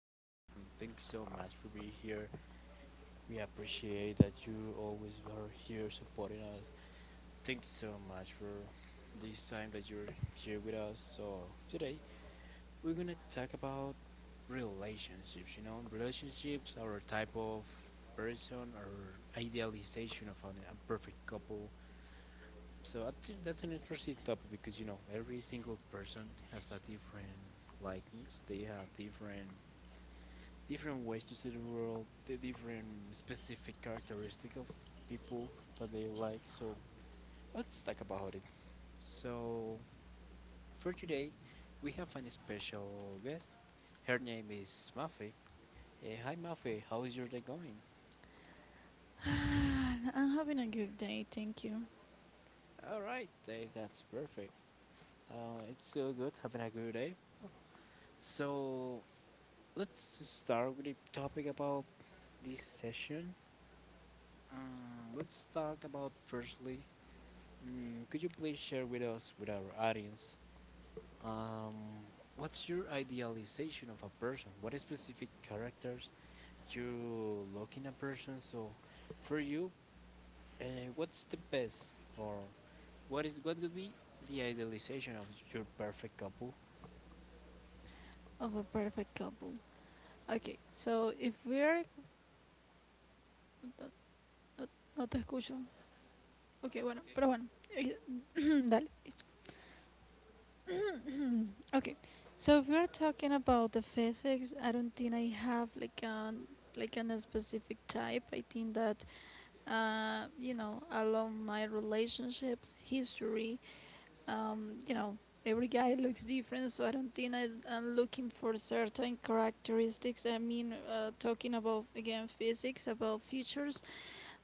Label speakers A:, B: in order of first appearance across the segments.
A: afternoon. Thank you so much for being here. We appreciate that you always are here supporting us. Thank you so much for this time that you're here with us. So today we're gonna talk about relationships. Relationships are a type of person or idealization of a perfect couple, so I think that's an interesting topic because every single person has a different likings. They have different ways to see the world, the different specific characteristic of people that they like. So let's talk about it. So for today, we have an special guest. Her name is Mafe. Hi Mafe, how is your day going?
B: I'm having a good day, thank you.
A: All right. That's perfect. It's still good. Having a good day. So let's start with the topic about this session. Let's talk about firstly. Could you please share with us, with our audience, um, what's your idealization of a person? What specific characters you look in a person? So, for you, what's the best, or what is what would be the idealization of your perfect couple?
B: Of a perfect couple. Okay, so if we're. No, no- no te escucho. Ok, bueno, pero bueno. Eh, Dale. Listo. Okay, so if we're talking about the physics, I don't think I have like a specific type. I think that you know, along my relationships history, you know, every guy looks different, so I don't think I'm looking for certain characteristics. I mean, talking about again physics, about features.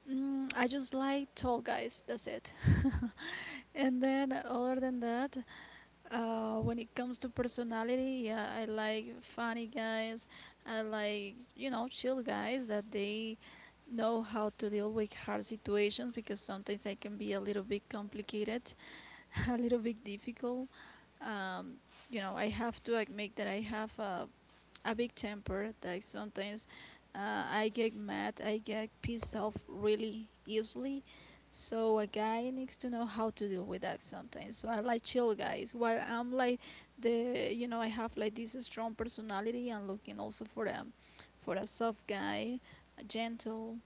B: Mm, I just like tall guys. That's it. And then other than that, when it comes to personality, yeah, I like funny guys. I like you know chill guys that they know how to deal with hard situations because sometimes I can be a little bit complicated, a little bit difficult, um, you know, I have to admit that I have a big temper. That sometimes uh, I get mad, I get pissed off really easily. So a guy needs to know how to deal with that sometimes. So I like chill guys. While I'm like the, you know, I have like this strong personality. I'm looking also for a soft guy, gentle,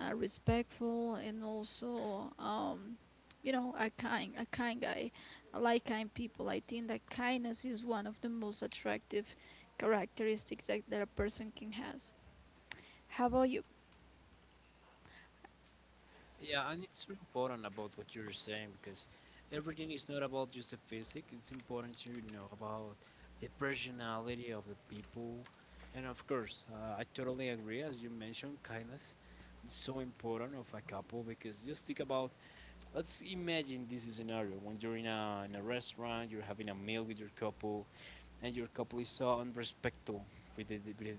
B: respectful, and also, you know, a kind guy. I like kind people. I think that kindness is one of the most attractive characteristics that a person can has. How about you?
A: Yeah, and it's so important about what you're saying because everything is not about just the physics. It's important to know about the personality of the people, and of course, I totally agree. As you mentioned, kindness is so important of a couple because just think about. Let's imagine this scenario. When you're in a restaurant, you're having a meal with your couple, and your couple is so unrespectful with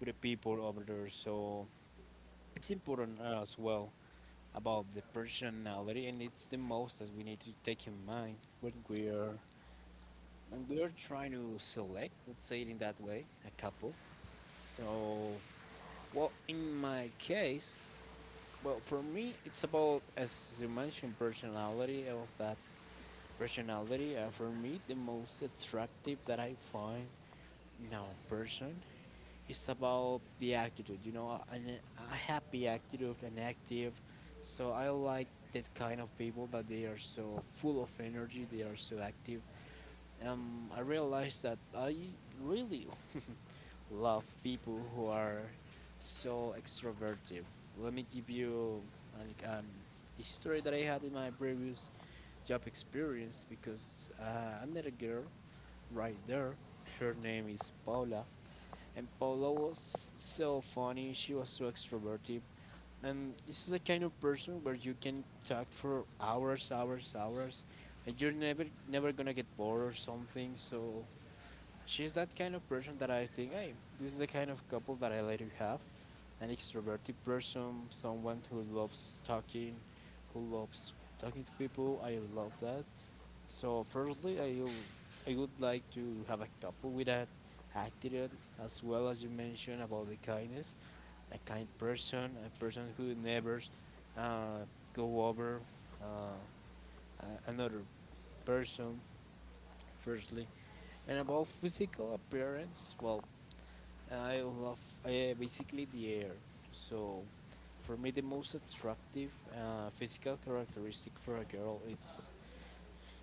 A: with the people over there. So it's important as well about the personality, and it's the most that we need to take in mind when we are trying to select, let's say it in that way, a couple. So, well, in my case, well, for me, it's about, as you mentioned, personality of that personality. For me, the most attractive that I find in a person, it's about the attitude, you know, a happy attitude and active. So I like that kind of people that they are so full of energy, they are so active. I realized that I really love people who are so extroverted. Let me give you an the story that I had in my previous job experience because I met a girl right there. Her name is Paula. And Paula was so funny, she was so extroverted. And this is the kind of person where you can talk for hours, hours, hours, and you're never gonna get bored or something. So she's that kind of person that I think, hey, this is the kind of couple that I like to have. An extroverted person, someone who loves talking to people. I love that. So firstly, I would like to have a couple with that attitude, as well as you mentioned about the kindness, a kind person, a person who never uh, go over uh, another person. Firstly, and about physical appearance, well, I love uh, basically the air. So, for me, the most attractive physical characteristic for a girl it's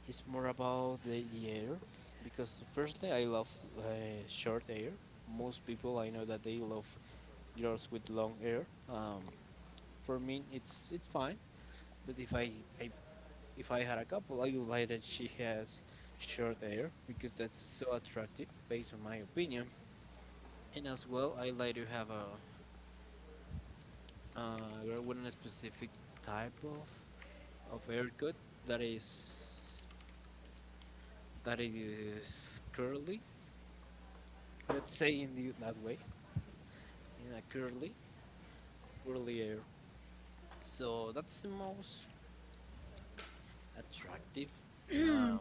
A: It's more about the air, because firstly I love uh, short hair. Most people I know that they love girls with long hair. For me it's fine, but I if I had a couple, I would like that she has short hair because that's so attractive based on my opinion. And as well, I like to have a girl with a specific type of haircut that is that is curly. Let's say in that way, in a curly, curly hair. So that's the most attractive uh,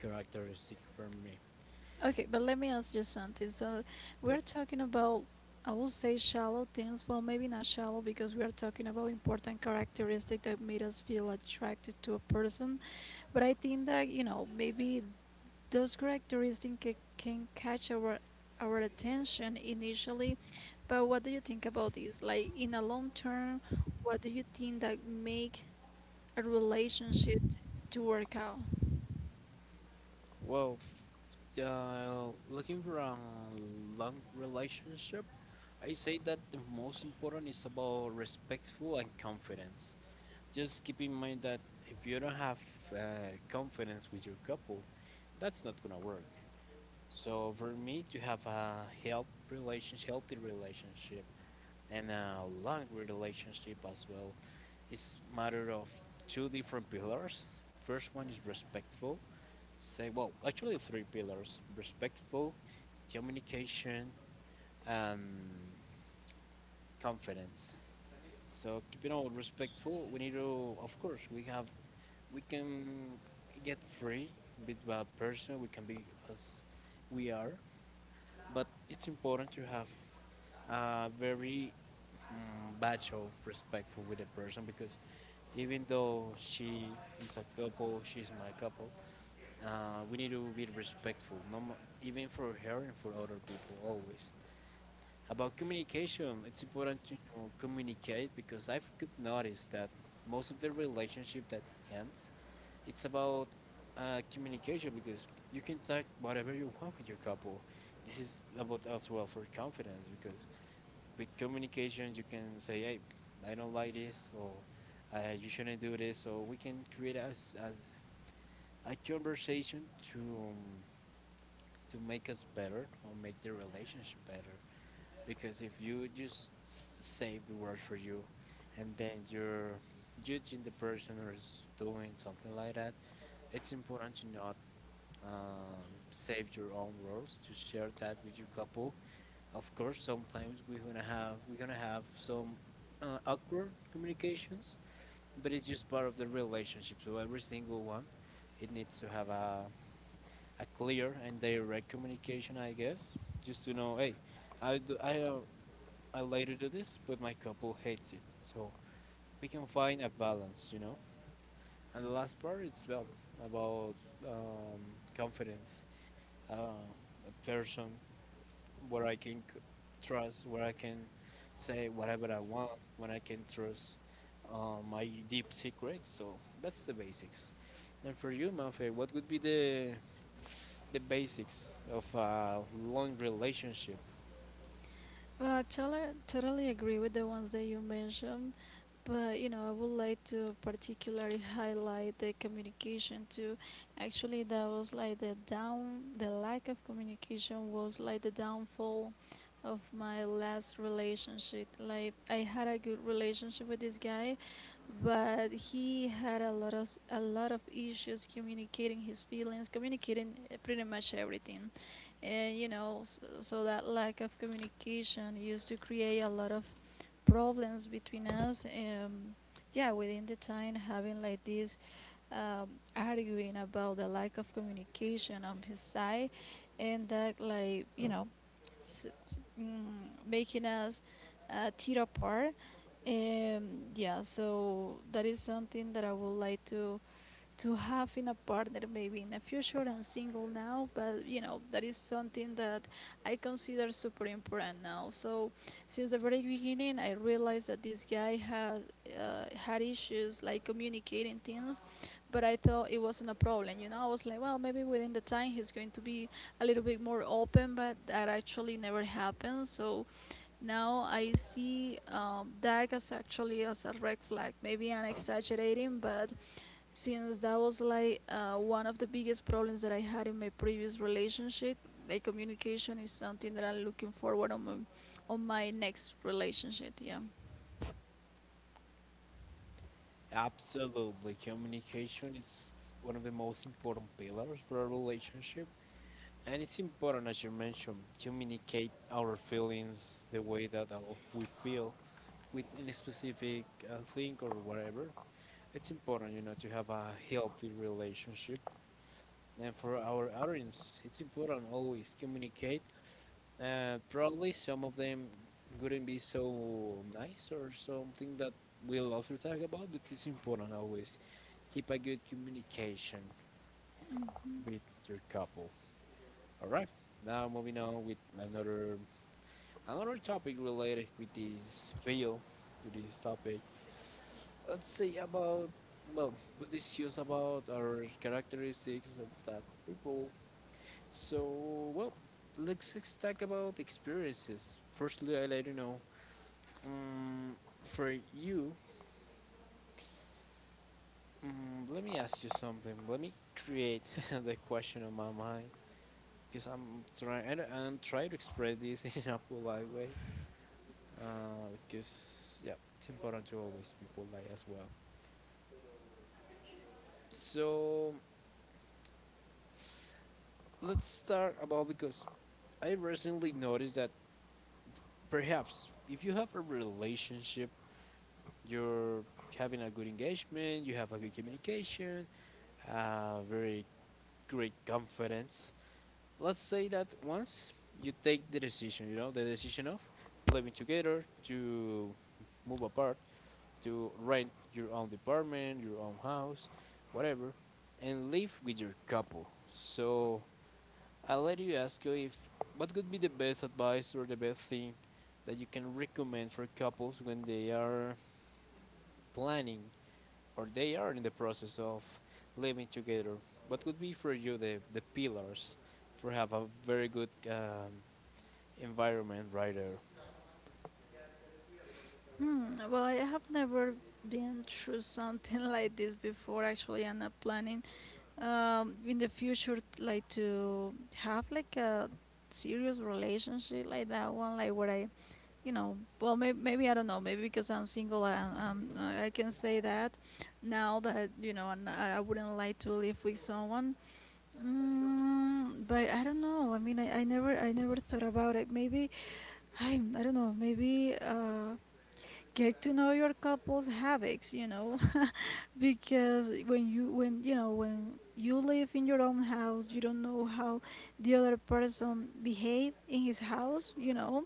A: characteristic for me.
B: Okay, but let me ask you something. So, we're
A: Yep.
B: talking about, I will say, shallow things. Well, maybe not shallow because we are talking about important characteristic that made us feel attracted to a person. But I think that you know, maybe those characteristics can catch our attention initially, but what do you think about this? Like in a long term, what do you think that make a relationship to work out?
A: Well, looking for a long relationship, I say that the most important is about respectful and confidence. Just keep in mind that if you don't have uh, confidence with your couple, that's not gonna work. So for me to have a healthy relationship and a long relationship as well, it's matter of two different pillars. First one is respectful. Say, well, actually three pillars: respectful, communication, and confidence. So keeping all respectful, we need to, of course, we can get free with a person. We can be as we are, but it's important to have a very batch of respectful with a person because even though she's my couple. We need to be respectful, no, mo- even for her and for other people, always. About communication, it's important to, you know, communicate because I've could noticed that most of the relationship that ends, it's about communication because you can talk whatever you want with your couple. This is about as well for confidence because with communication you can say, hey, I don't like this, or you shouldn't do this, so we can create as a conversation to um, to make us better or make the relationship better, because if you just save the word for you and then you're judging the person or is doing something like that, it's important to not um, save your own words to share that with your couple. Of course, sometimes we're gonna have some awkward communications, but it's just part of the relationship. So every single one, it needs to have a clear and direct communication, I guess, just to know, hey, I do, I uh, I later do this, but my couple hates it. So we can find a balance, you know. And the last part, it's about um, confidence. Uh, a person where I can trust, where I can say whatever I want, when I can trust my deep secrets. So that's the basics. And for you, Mafe, what would be the basics of a long relationship?
B: Well, I totally, totally agree with the ones that you mentioned, but you know, I would like to particularly highlight the communication too. Actually, that was like the lack of communication was like the downfall of my last relationship. Like, I had a good relationship with this guy, but he had a lot of issues communicating his feelings, communicating pretty much everything, and you know, so that lack of communication used to create a lot of problems between us. Yeah, within the time having like this, um, arguing about the lack of communication on his side, and that like you know, s- s- mm, making us tear apart, um, yeah, so that is something that I would like to have in a partner maybe in the future. I'm single now, but you know that is something that I consider super important now. So since the very beginning, I realized that this guy has had issues like communicating things, but I thought it wasn't a problem. You know, I was like, well, maybe within the time he's going to be a little bit more open, but that actually never happened. So now I see that as actually as a red flag. Maybe I'm exaggerating, but since that was like one of the biggest problems that I had in my previous relationship, like communication is something that I'm looking forward on my next relationship. Yeah.
A: Absolutely, communication is one of the most important pillars for a relationship. And it's important, as you mentioned, communicate our feelings the way that we feel with any specific thing or whatever. It's important, you know, to have a healthy relationship. And for our audience, it's important always communicate. Probably some of them wouldn't be so nice or something that we'll also talk about, but it's important always keep a good communication with your couple. All right. Now moving on with another topic related with this video, with this topic. Let's say about, well, Buddhist views about our characteristics of that people. So, well, let's just talk about experiences. Firstly, I let you know. Um, for you, let me ask you something. Let me create the question on my mind because I'm trying to express this in a polite way, because yeah, it's important to always be polite as well. So let's start about, because I recently noticed that perhaps if you have a relationship, you're having a good engagement, you have a good communication, very great confidence. Let's say that once you take the decision, you know, the decision of living together, to move apart, to rent your own apartment, your own house, whatever, and live with your couple. So I'll let you ask you if what could be the best advice or the best thing that you can recommend for couples when they are planning or they are in the process of living together. What could be for you the pillars for have a very good environment right there?
B: Hmm. Well, I have never been through something like this before. Actually, I'm not planning, in the future like to have like a serious relationship like that one, like where I you know, well, maybe I don't know. Maybe because I'm single, I can say that now that you know, and I wouldn't like to live with someone. Mm, but I don't know. I mean, I never thought about it. Maybe I don't know. Maybe get to know your couple's habits. You know, because when you live in your own house, you don't know how the other person behave in his house. You know,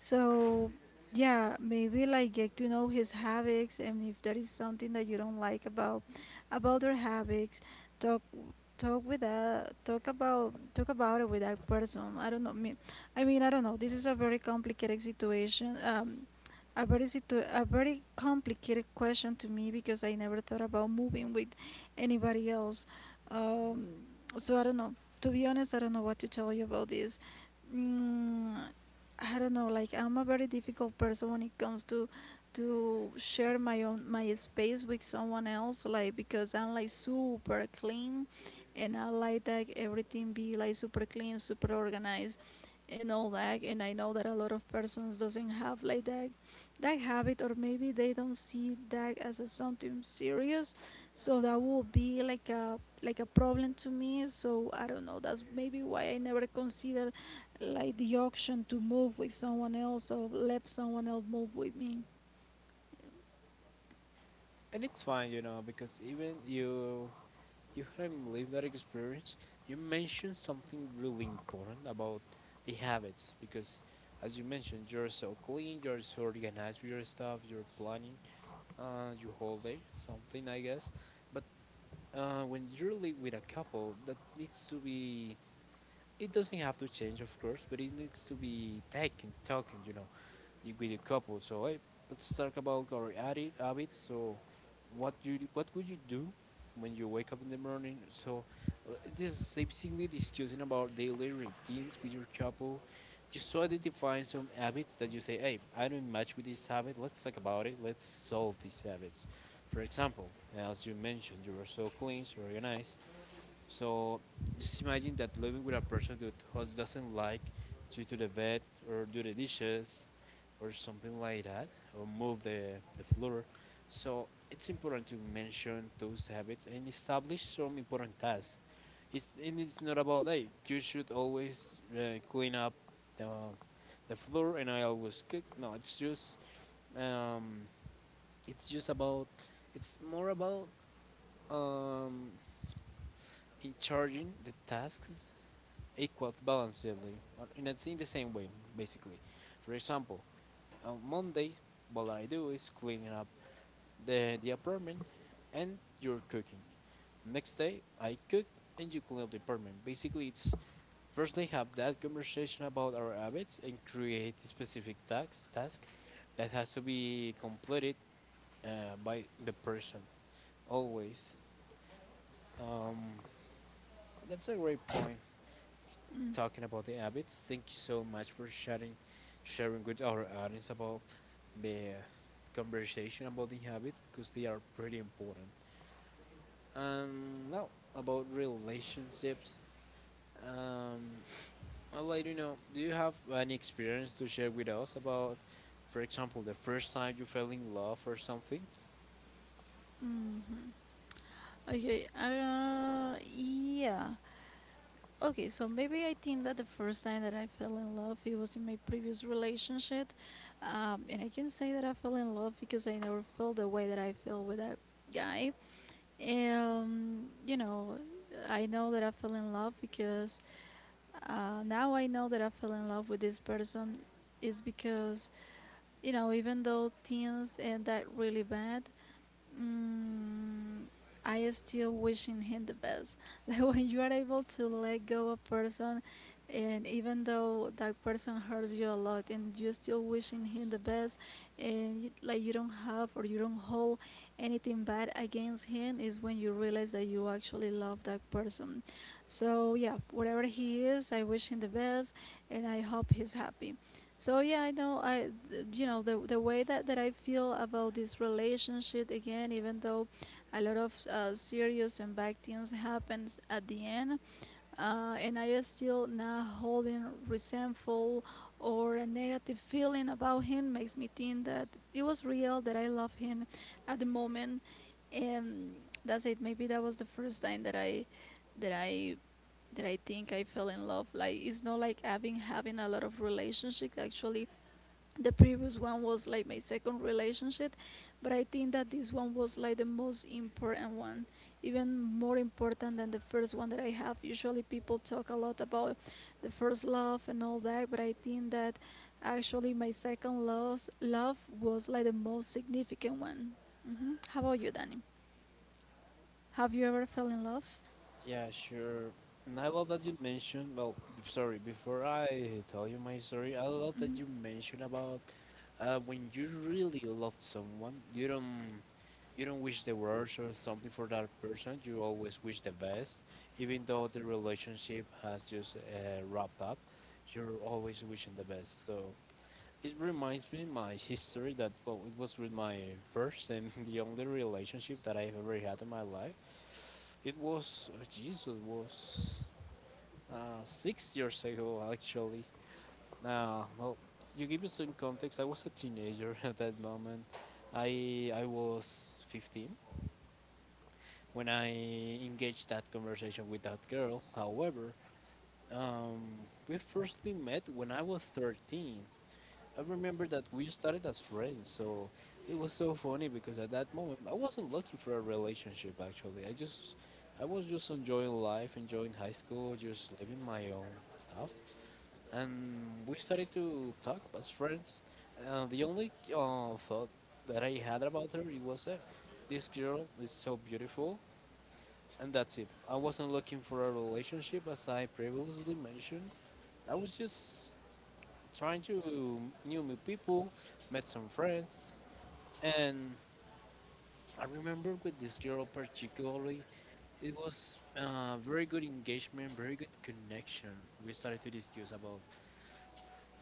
B: so, yeah, maybe like get to know his habits and if there is something that you don't like about their habits, talk talk about it with that person. I don't know. Mean, I mean, I don't know. This is a very complicated situation. A very complicated question to me because I never thought about moving with anybody else. Um, so I don't know. To be honest, I don't know what to tell you about this. Mm, I don't know, like I'm a very difficult person when it comes to share my space with someone else, like because I'm like super clean and I like that everything be like super clean, super organized and all that, and I know that a lot of persons doesn't have like that habit or maybe they don't see that as a something serious. So that will be like a problem to me. So I don't know, that's maybe why I never consider like the option to move with someone else or let someone else move with me.
A: And it's fine, you know, because even you haven't lived that experience, you mentioned something really important about the habits because, as you mentioned, you're so clean, you're so organized with your stuff, you're planning your whole day, something I guess. But when you live with a couple, that needs to be. It doesn't have to change, of course, but it needs to be taken, talking, you know, with your couple. So hey, let's talk about our habits. So what would you do when you wake up in the morning? So this is basically discussing about daily routines with your couple. Just to identify some habits that you say, hey, I don't match with this habit. Let's talk about it. Let's solve these habits. For example, as you mentioned, you are so clean, so organized, so just imagine that living with a person that who doesn't like to the bed or do the dishes or something like that, or move the floor. So it's important to mention those habits and establish some important tasks. It's, and it's not about, hey, you should always clean up the, the floor and I always cook. No, um, it's just about it's more about um, in charging the tasks equals balancedly or in the same way, basically. For example, on Monday what I do is cleaning up the apartment and you're cooking. Next day I cook and you clean up the apartment. Basically, it's firstly have that conversation about our habits and create a specific task that has to be completed uh, by the person always. um, that's a great point
B: Mm.
A: talking about the habits. Thank you so much for sharing with our audience about the conversation about the habits because they are pretty important. Now about relationships. Um, I'd like to know, do you have any experience to share with us about, for example, the first time you fell in love or something?
B: Mhm. Okay. Yeah. Okay. So maybe I think that the first time that I fell in love, it was in my previous relationship, and I can say that I fell in love because I never felt the way that I feel with that guy. And you know, I know that I fell in love because now I know that I fell in love with this person is because you know, even though things end that really bad, mm, I still wishing him the best. Like when you are able to let go a person, and even though that person hurts you a lot, and you still wishing him the best, and you, like you don't have or you don't hold anything bad against him, is when you realize that you actually love that person. So yeah, whatever he is, I wish him the best, and I hope he's happy. So yeah, I know you know the way that I feel about this relationship again, even though a lot of serious and bad things happens at the end, and I is still not holding resentful or a negative feeling about him makes me think that it was real that I love him at the moment, and that's it. Maybe that was the first time that I that I think I fell in love. Like it's not like I've been having a lot of relationships. Actually the previous one was like my second relationship, but I think that this one was like the most important one, even more important than the first one that I have. Usually people talk a lot about the first love and all that, but I think that actually my second love was like the most significant one. Hmm, how about you, Danny, have you ever fell in love?
A: Yeah, sure. And I love that you mentioned, well, before I tell you my story, I love that you mentioned about, uh, when you really love someone, you don't wish the worst or something for that person. You always wish the best, even though the relationship has just wrapped up. You're always wishing the best. So it reminds me my history that, well, it was with my first and the only relationship that I've ever had in my life. It was, oh Jesus, was 6 years ago actually. Well, you give you some context. I was a teenager at that moment. I was 15 when I engaged that conversation with that girl. However, um, we firstly met when I was 13. I remember that we started as friends, so it was so funny because at that moment I wasn't looking for a relationship. Actually, I was just enjoying life, enjoying high school, just living my own stuff, and we started to talk as friends. The only thought that I had about her it was that this girl is so beautiful, and that's it. I wasn't looking for a relationship, as I previously mentioned. I was just trying to new people, met some friends, and I remember with this girl particularly, it was, very good engagement, very good connection. We started to discuss about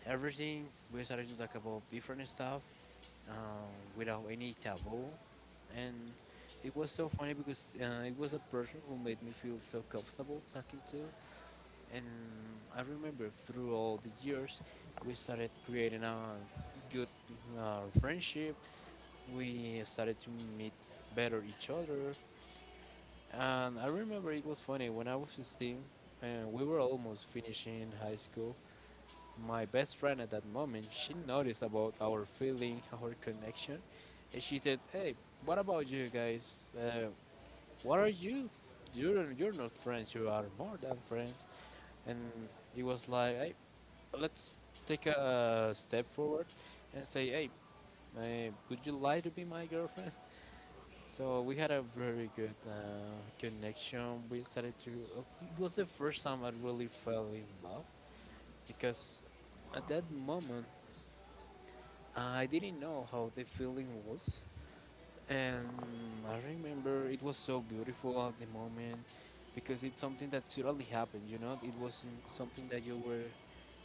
A: everything. We started to talk about different stuff, without any taboo. And it was so funny because, it was a person who made me feel so comfortable talking to. And I remember through all the years, we started creating a good, friendship. We started to meet better each other. And I remember it was funny when I was 16, we were almost finishing high school. My best friend at that moment, she noticed about our feeling, our connection, and she said, hey, what about you guys? What are you're not friends, you are more than friends. And it was like, hey, let's take a step forward and say, hey, would you like to be my girlfriend? So we had a very good, connection. We started to, it was the first time I really fell in love because at that moment I didn't know how the feeling was. And I remember it was so beautiful at the moment because it's something that totally happened. You know, it wasn't something that you were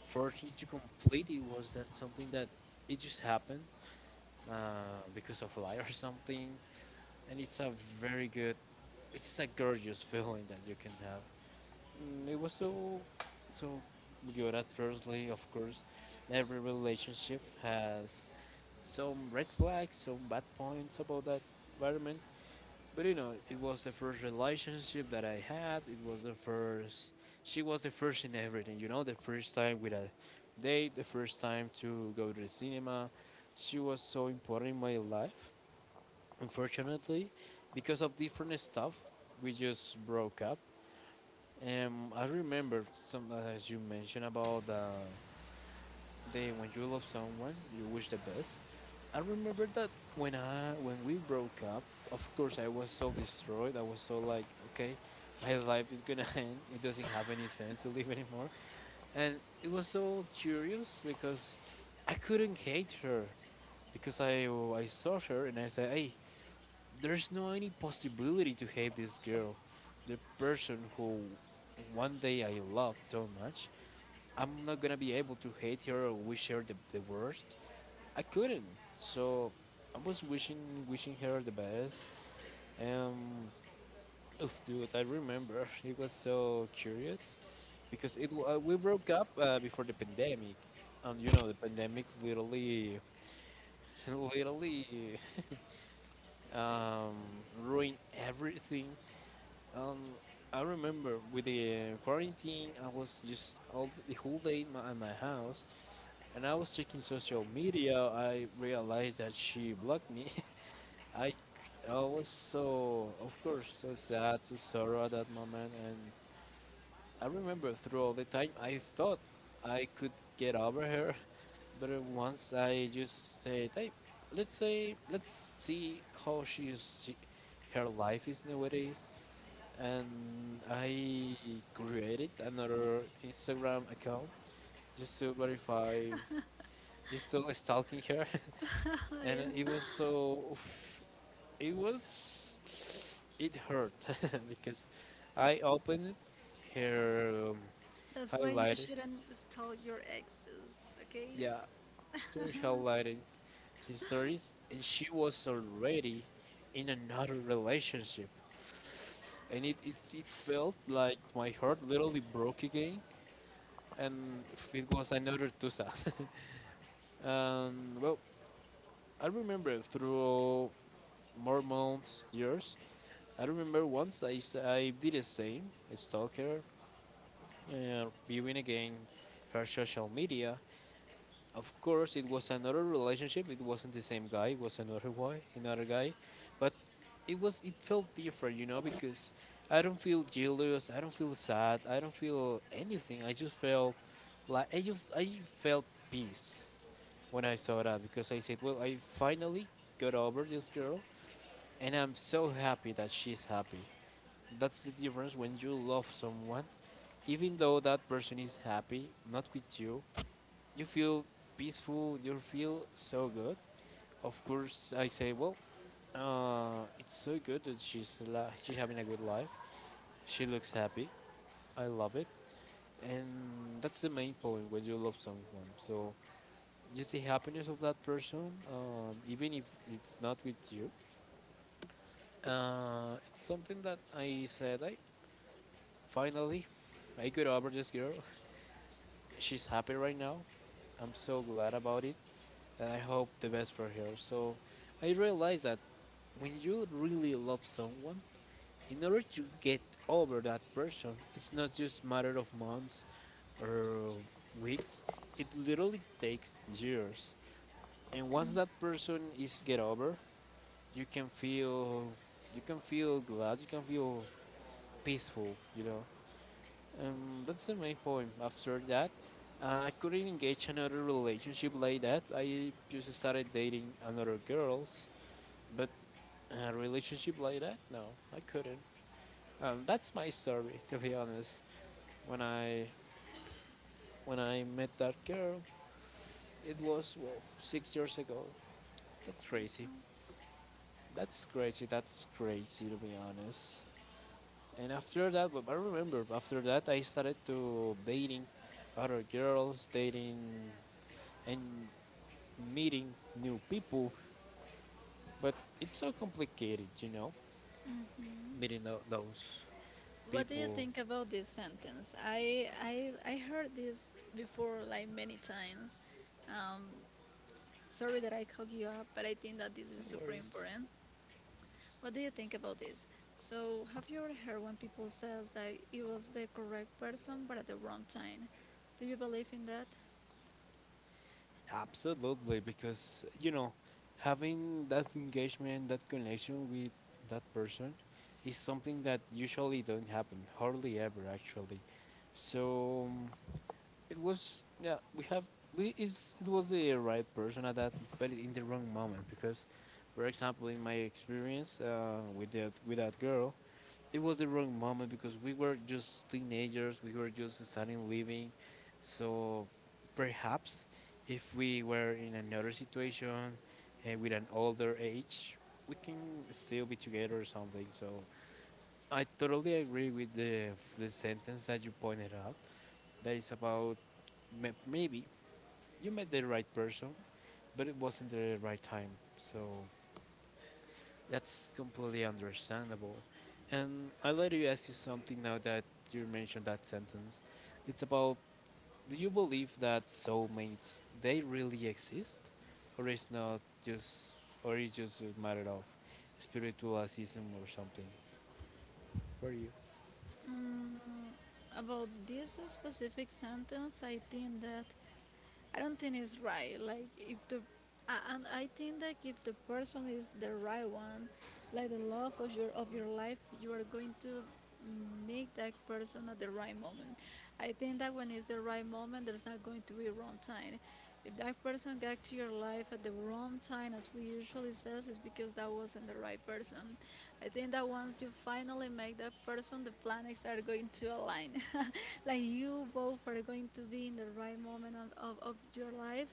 A: forcing to complete. It was that something that it just happened, because of lie or something, and it's a very good, it's a gorgeous feeling that you can have. Mm, it was so, so good at firstly, of course. Every relationship has some red flags, some bad points about that environment. But you know, it was the first relationship that I had. It was the first. She was the first in everything. You know, the first time with a date, the first time to go to the cinema. She was so important in my life. Unfortunately, because of different stuff, we just broke up. And I remember, some as you mentioned about when you love someone, you wish the best. I remember that when we broke up, of course I was so destroyed. I was so like, okay, my life is gonna end. It doesn't have any sense to live anymore. And it was so curious because I couldn't hate her because I saw her and I said, hey, there's no any possibility to hate this girl, the person who one day I loved so much. I'm not gonna be able to hate her or wish her the worst. I couldn't. So I was wishing her the best. Um, oof, dude, I remember it was so curious because we broke up, before the pandemic, and you know the pandemic literally literally um, ruined everything. Um, I remember with the quarantine, I was just all the whole day in in my house, and I was checking social media. I realized that she blocked me. I was so, of course, so sad, so sorrow at that moment. And I remember through all the time, I thought I could get over her. But, once I just said, hey, let's see how her life is nowadays. And I created another Instagram account just to verify, just to stalking her.
B: Oh,
A: And it
B: yeah.
A: was so, oof, it was. It hurt because I opened her,
B: That's why you
A: highlighted.
B: shouldn't tell your exes, okay?
A: Yeah, her highlighted histories, and she was already in another relationship. And it felt like my heart literally broke again, and it was another Tusa. And, well, I remember through more months, years, I remember once I did the same, stalker, viewing again her social media. Of course, it was another relationship. It wasn't the same guy. It was another guy, but it felt different, you know, because I don't feel jealous. I don't feel sad. I don't feel anything. I just felt like I felt peace when I saw that because I said, well, I finally got over this girl, and I'm so happy that she's happy. That's the difference when you love someone. Even though that person is happy, not with you, you feel peaceful, you feel so good. Of course, I say, well, it's so good that she's having a good life. She looks happy. I love it. And that's the main point when you love someone. So, just the happiness of that person, even if it's not with you. It's something that I said, finally I got over this girl. She's happy right now. I'm so glad about it, and I hope the best for her. So I realized that when you really love someone, in order to get over that person, it's not just matter of months or weeks. It literally takes years. And once that person is get over, you can feel, you can feel peaceful, you know. That's the main point. After that, I couldn't engage another relationship like that. I just started dating another girls, but a relationship like that, no, I couldn't. That's my story, to be honest. When I when I met that girl, it was, well, 6 years ago. That's crazy. That's crazy. That's crazy, to be honest. And after that, but I remember after that I started to dating other girls, dating and meeting new people, but it's so complicated, you know, meeting those
B: What do you
A: people.
B: think about this sentence? I heard this before like many times. Um, sorry that I called you up, but I think that this
A: No
B: is super
A: worries.
B: important. What do you think about this? So have you ever heard when people says that it was the correct person but at the wrong time? Do you believe in that?
A: Absolutely, because you know, having that engagement, that connection with that person is something that usually don't happen, hardly ever actually. So, it was, yeah, we have we is it was the right person at that, but in the wrong moment because, for example, in my experience, with that girl, it was the wrong moment because we were just teenagers, we were just starting living. So perhaps if we were in another situation, with an older age, we can still be together or something. So I totally agree with the sentence that you pointed out. That is about maybe you met the right person, but it wasn't the right time. So that's completely understandable. And I'll let you ask you something now that you mentioned that sentence. It's about, do you believe that soulmates they really exist? Or is not just Or is just a matter of spiritualism or something? For you.
B: Mm, about this specific sentence, I think that I don't think it's right. Like if the and I think that if the person is the right one, like the love of your life, you are going to make that person at the right moment. I think that when it's the right moment, there's not going to be wrong time. If that person got to your life at the wrong time, as we usually says, it's because that wasn't the right person. I think that once you finally make that person, the planets are going to align. Like you both are going to be in the right moment of, of your life.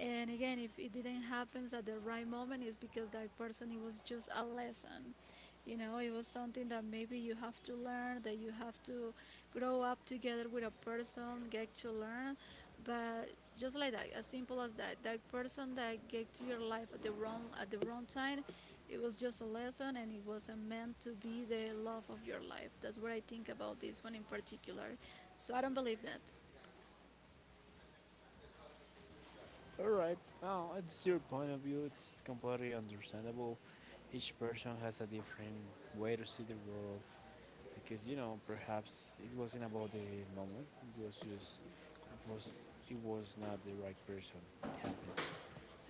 B: And again, if it didn't happen at the right moment, it's because that person, it was just a lesson. You know, it was something that maybe you have to learn, that you have to grow up together with a person, get to learn, but just like that, as simple as that, that person that gave to your life at the wrong time, it was just a lesson and it wasn't meant to be the love of your life. That's what I think about this one in particular, so I don't believe that.
A: Alright. Well, it's your point of view, it's completely understandable. Each person has a different way to see the world because you know perhaps it wasn't about the moment. It was just it was it was not the right person. It happened.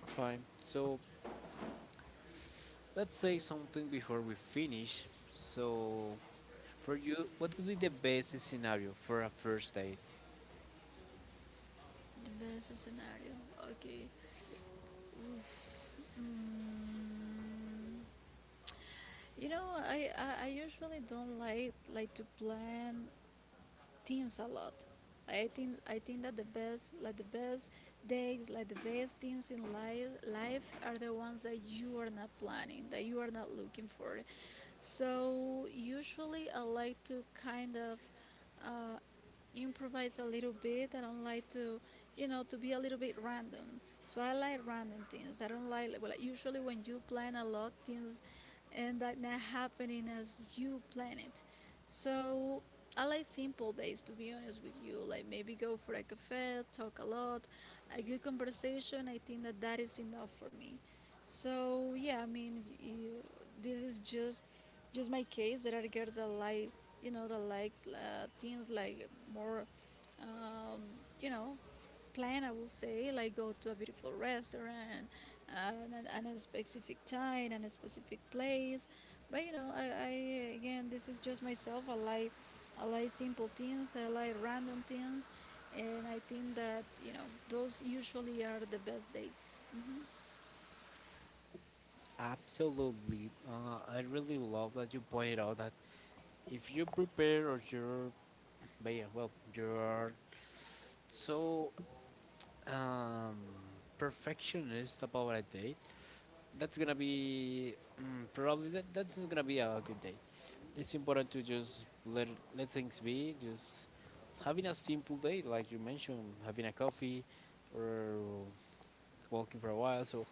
A: It's fine. So let's say something before we finish. So for you, what would be the best scenario for a first date?
B: The best scenario, okay. Oof. Mm. You know, I usually don't like to plan things a lot. I think that the best, like the best days, like the best things in life are the ones that you are not planning, that you are not looking for. So usually I like to kind of uh, improvise a little bit. I don't like to, you know, to be a little bit random. So I like random things. I don't like, well, usually when you plan a lot things, and that not happening as you plan it. So I like simple days to be honest with you. Like maybe go for a cafe, talk a lot, a good conversation. I think that that is enough for me. So yeah, I mean, you, this is just my case. There are girls that like you know that likes things like more, um, you know, plan, I will say, like go to a beautiful restaurant and a specific time and a specific place, but you know I again this is just myself. I like, I like simple things, I like random things, and I think that, you know, those usually are the best dates.
A: Absolutely. I really love that you pointed out that if you prepare or you're, but yeah, well, you're so, um, perfectionist about a date, that's gonna be, mm, probably that's not gonna be a good day. It's important to just let things be. Just having a simple day, like you mentioned, having a coffee or walking for a while. So,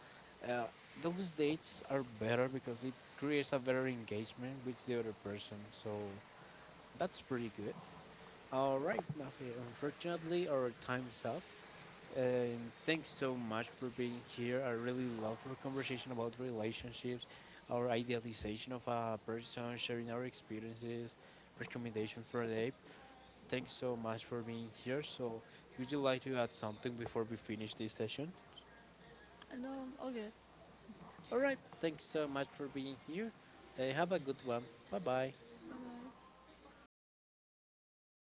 A: uh, those dates are better because it creates a better engagement with the other person. So that's pretty good. All right, Mafi. Unfortunately, our time is up. Thanks so much for being here. I really love our conversation about relationships, our idealization of a person, sharing our experiences, recommendation for a day. Thanks so much for being here. So, would you like to add something before we finish this session?
B: Mm-hmm. No, all good.
A: All right. Thanks so much for being here. Have a good one. Bye bye.
B: Bye bye.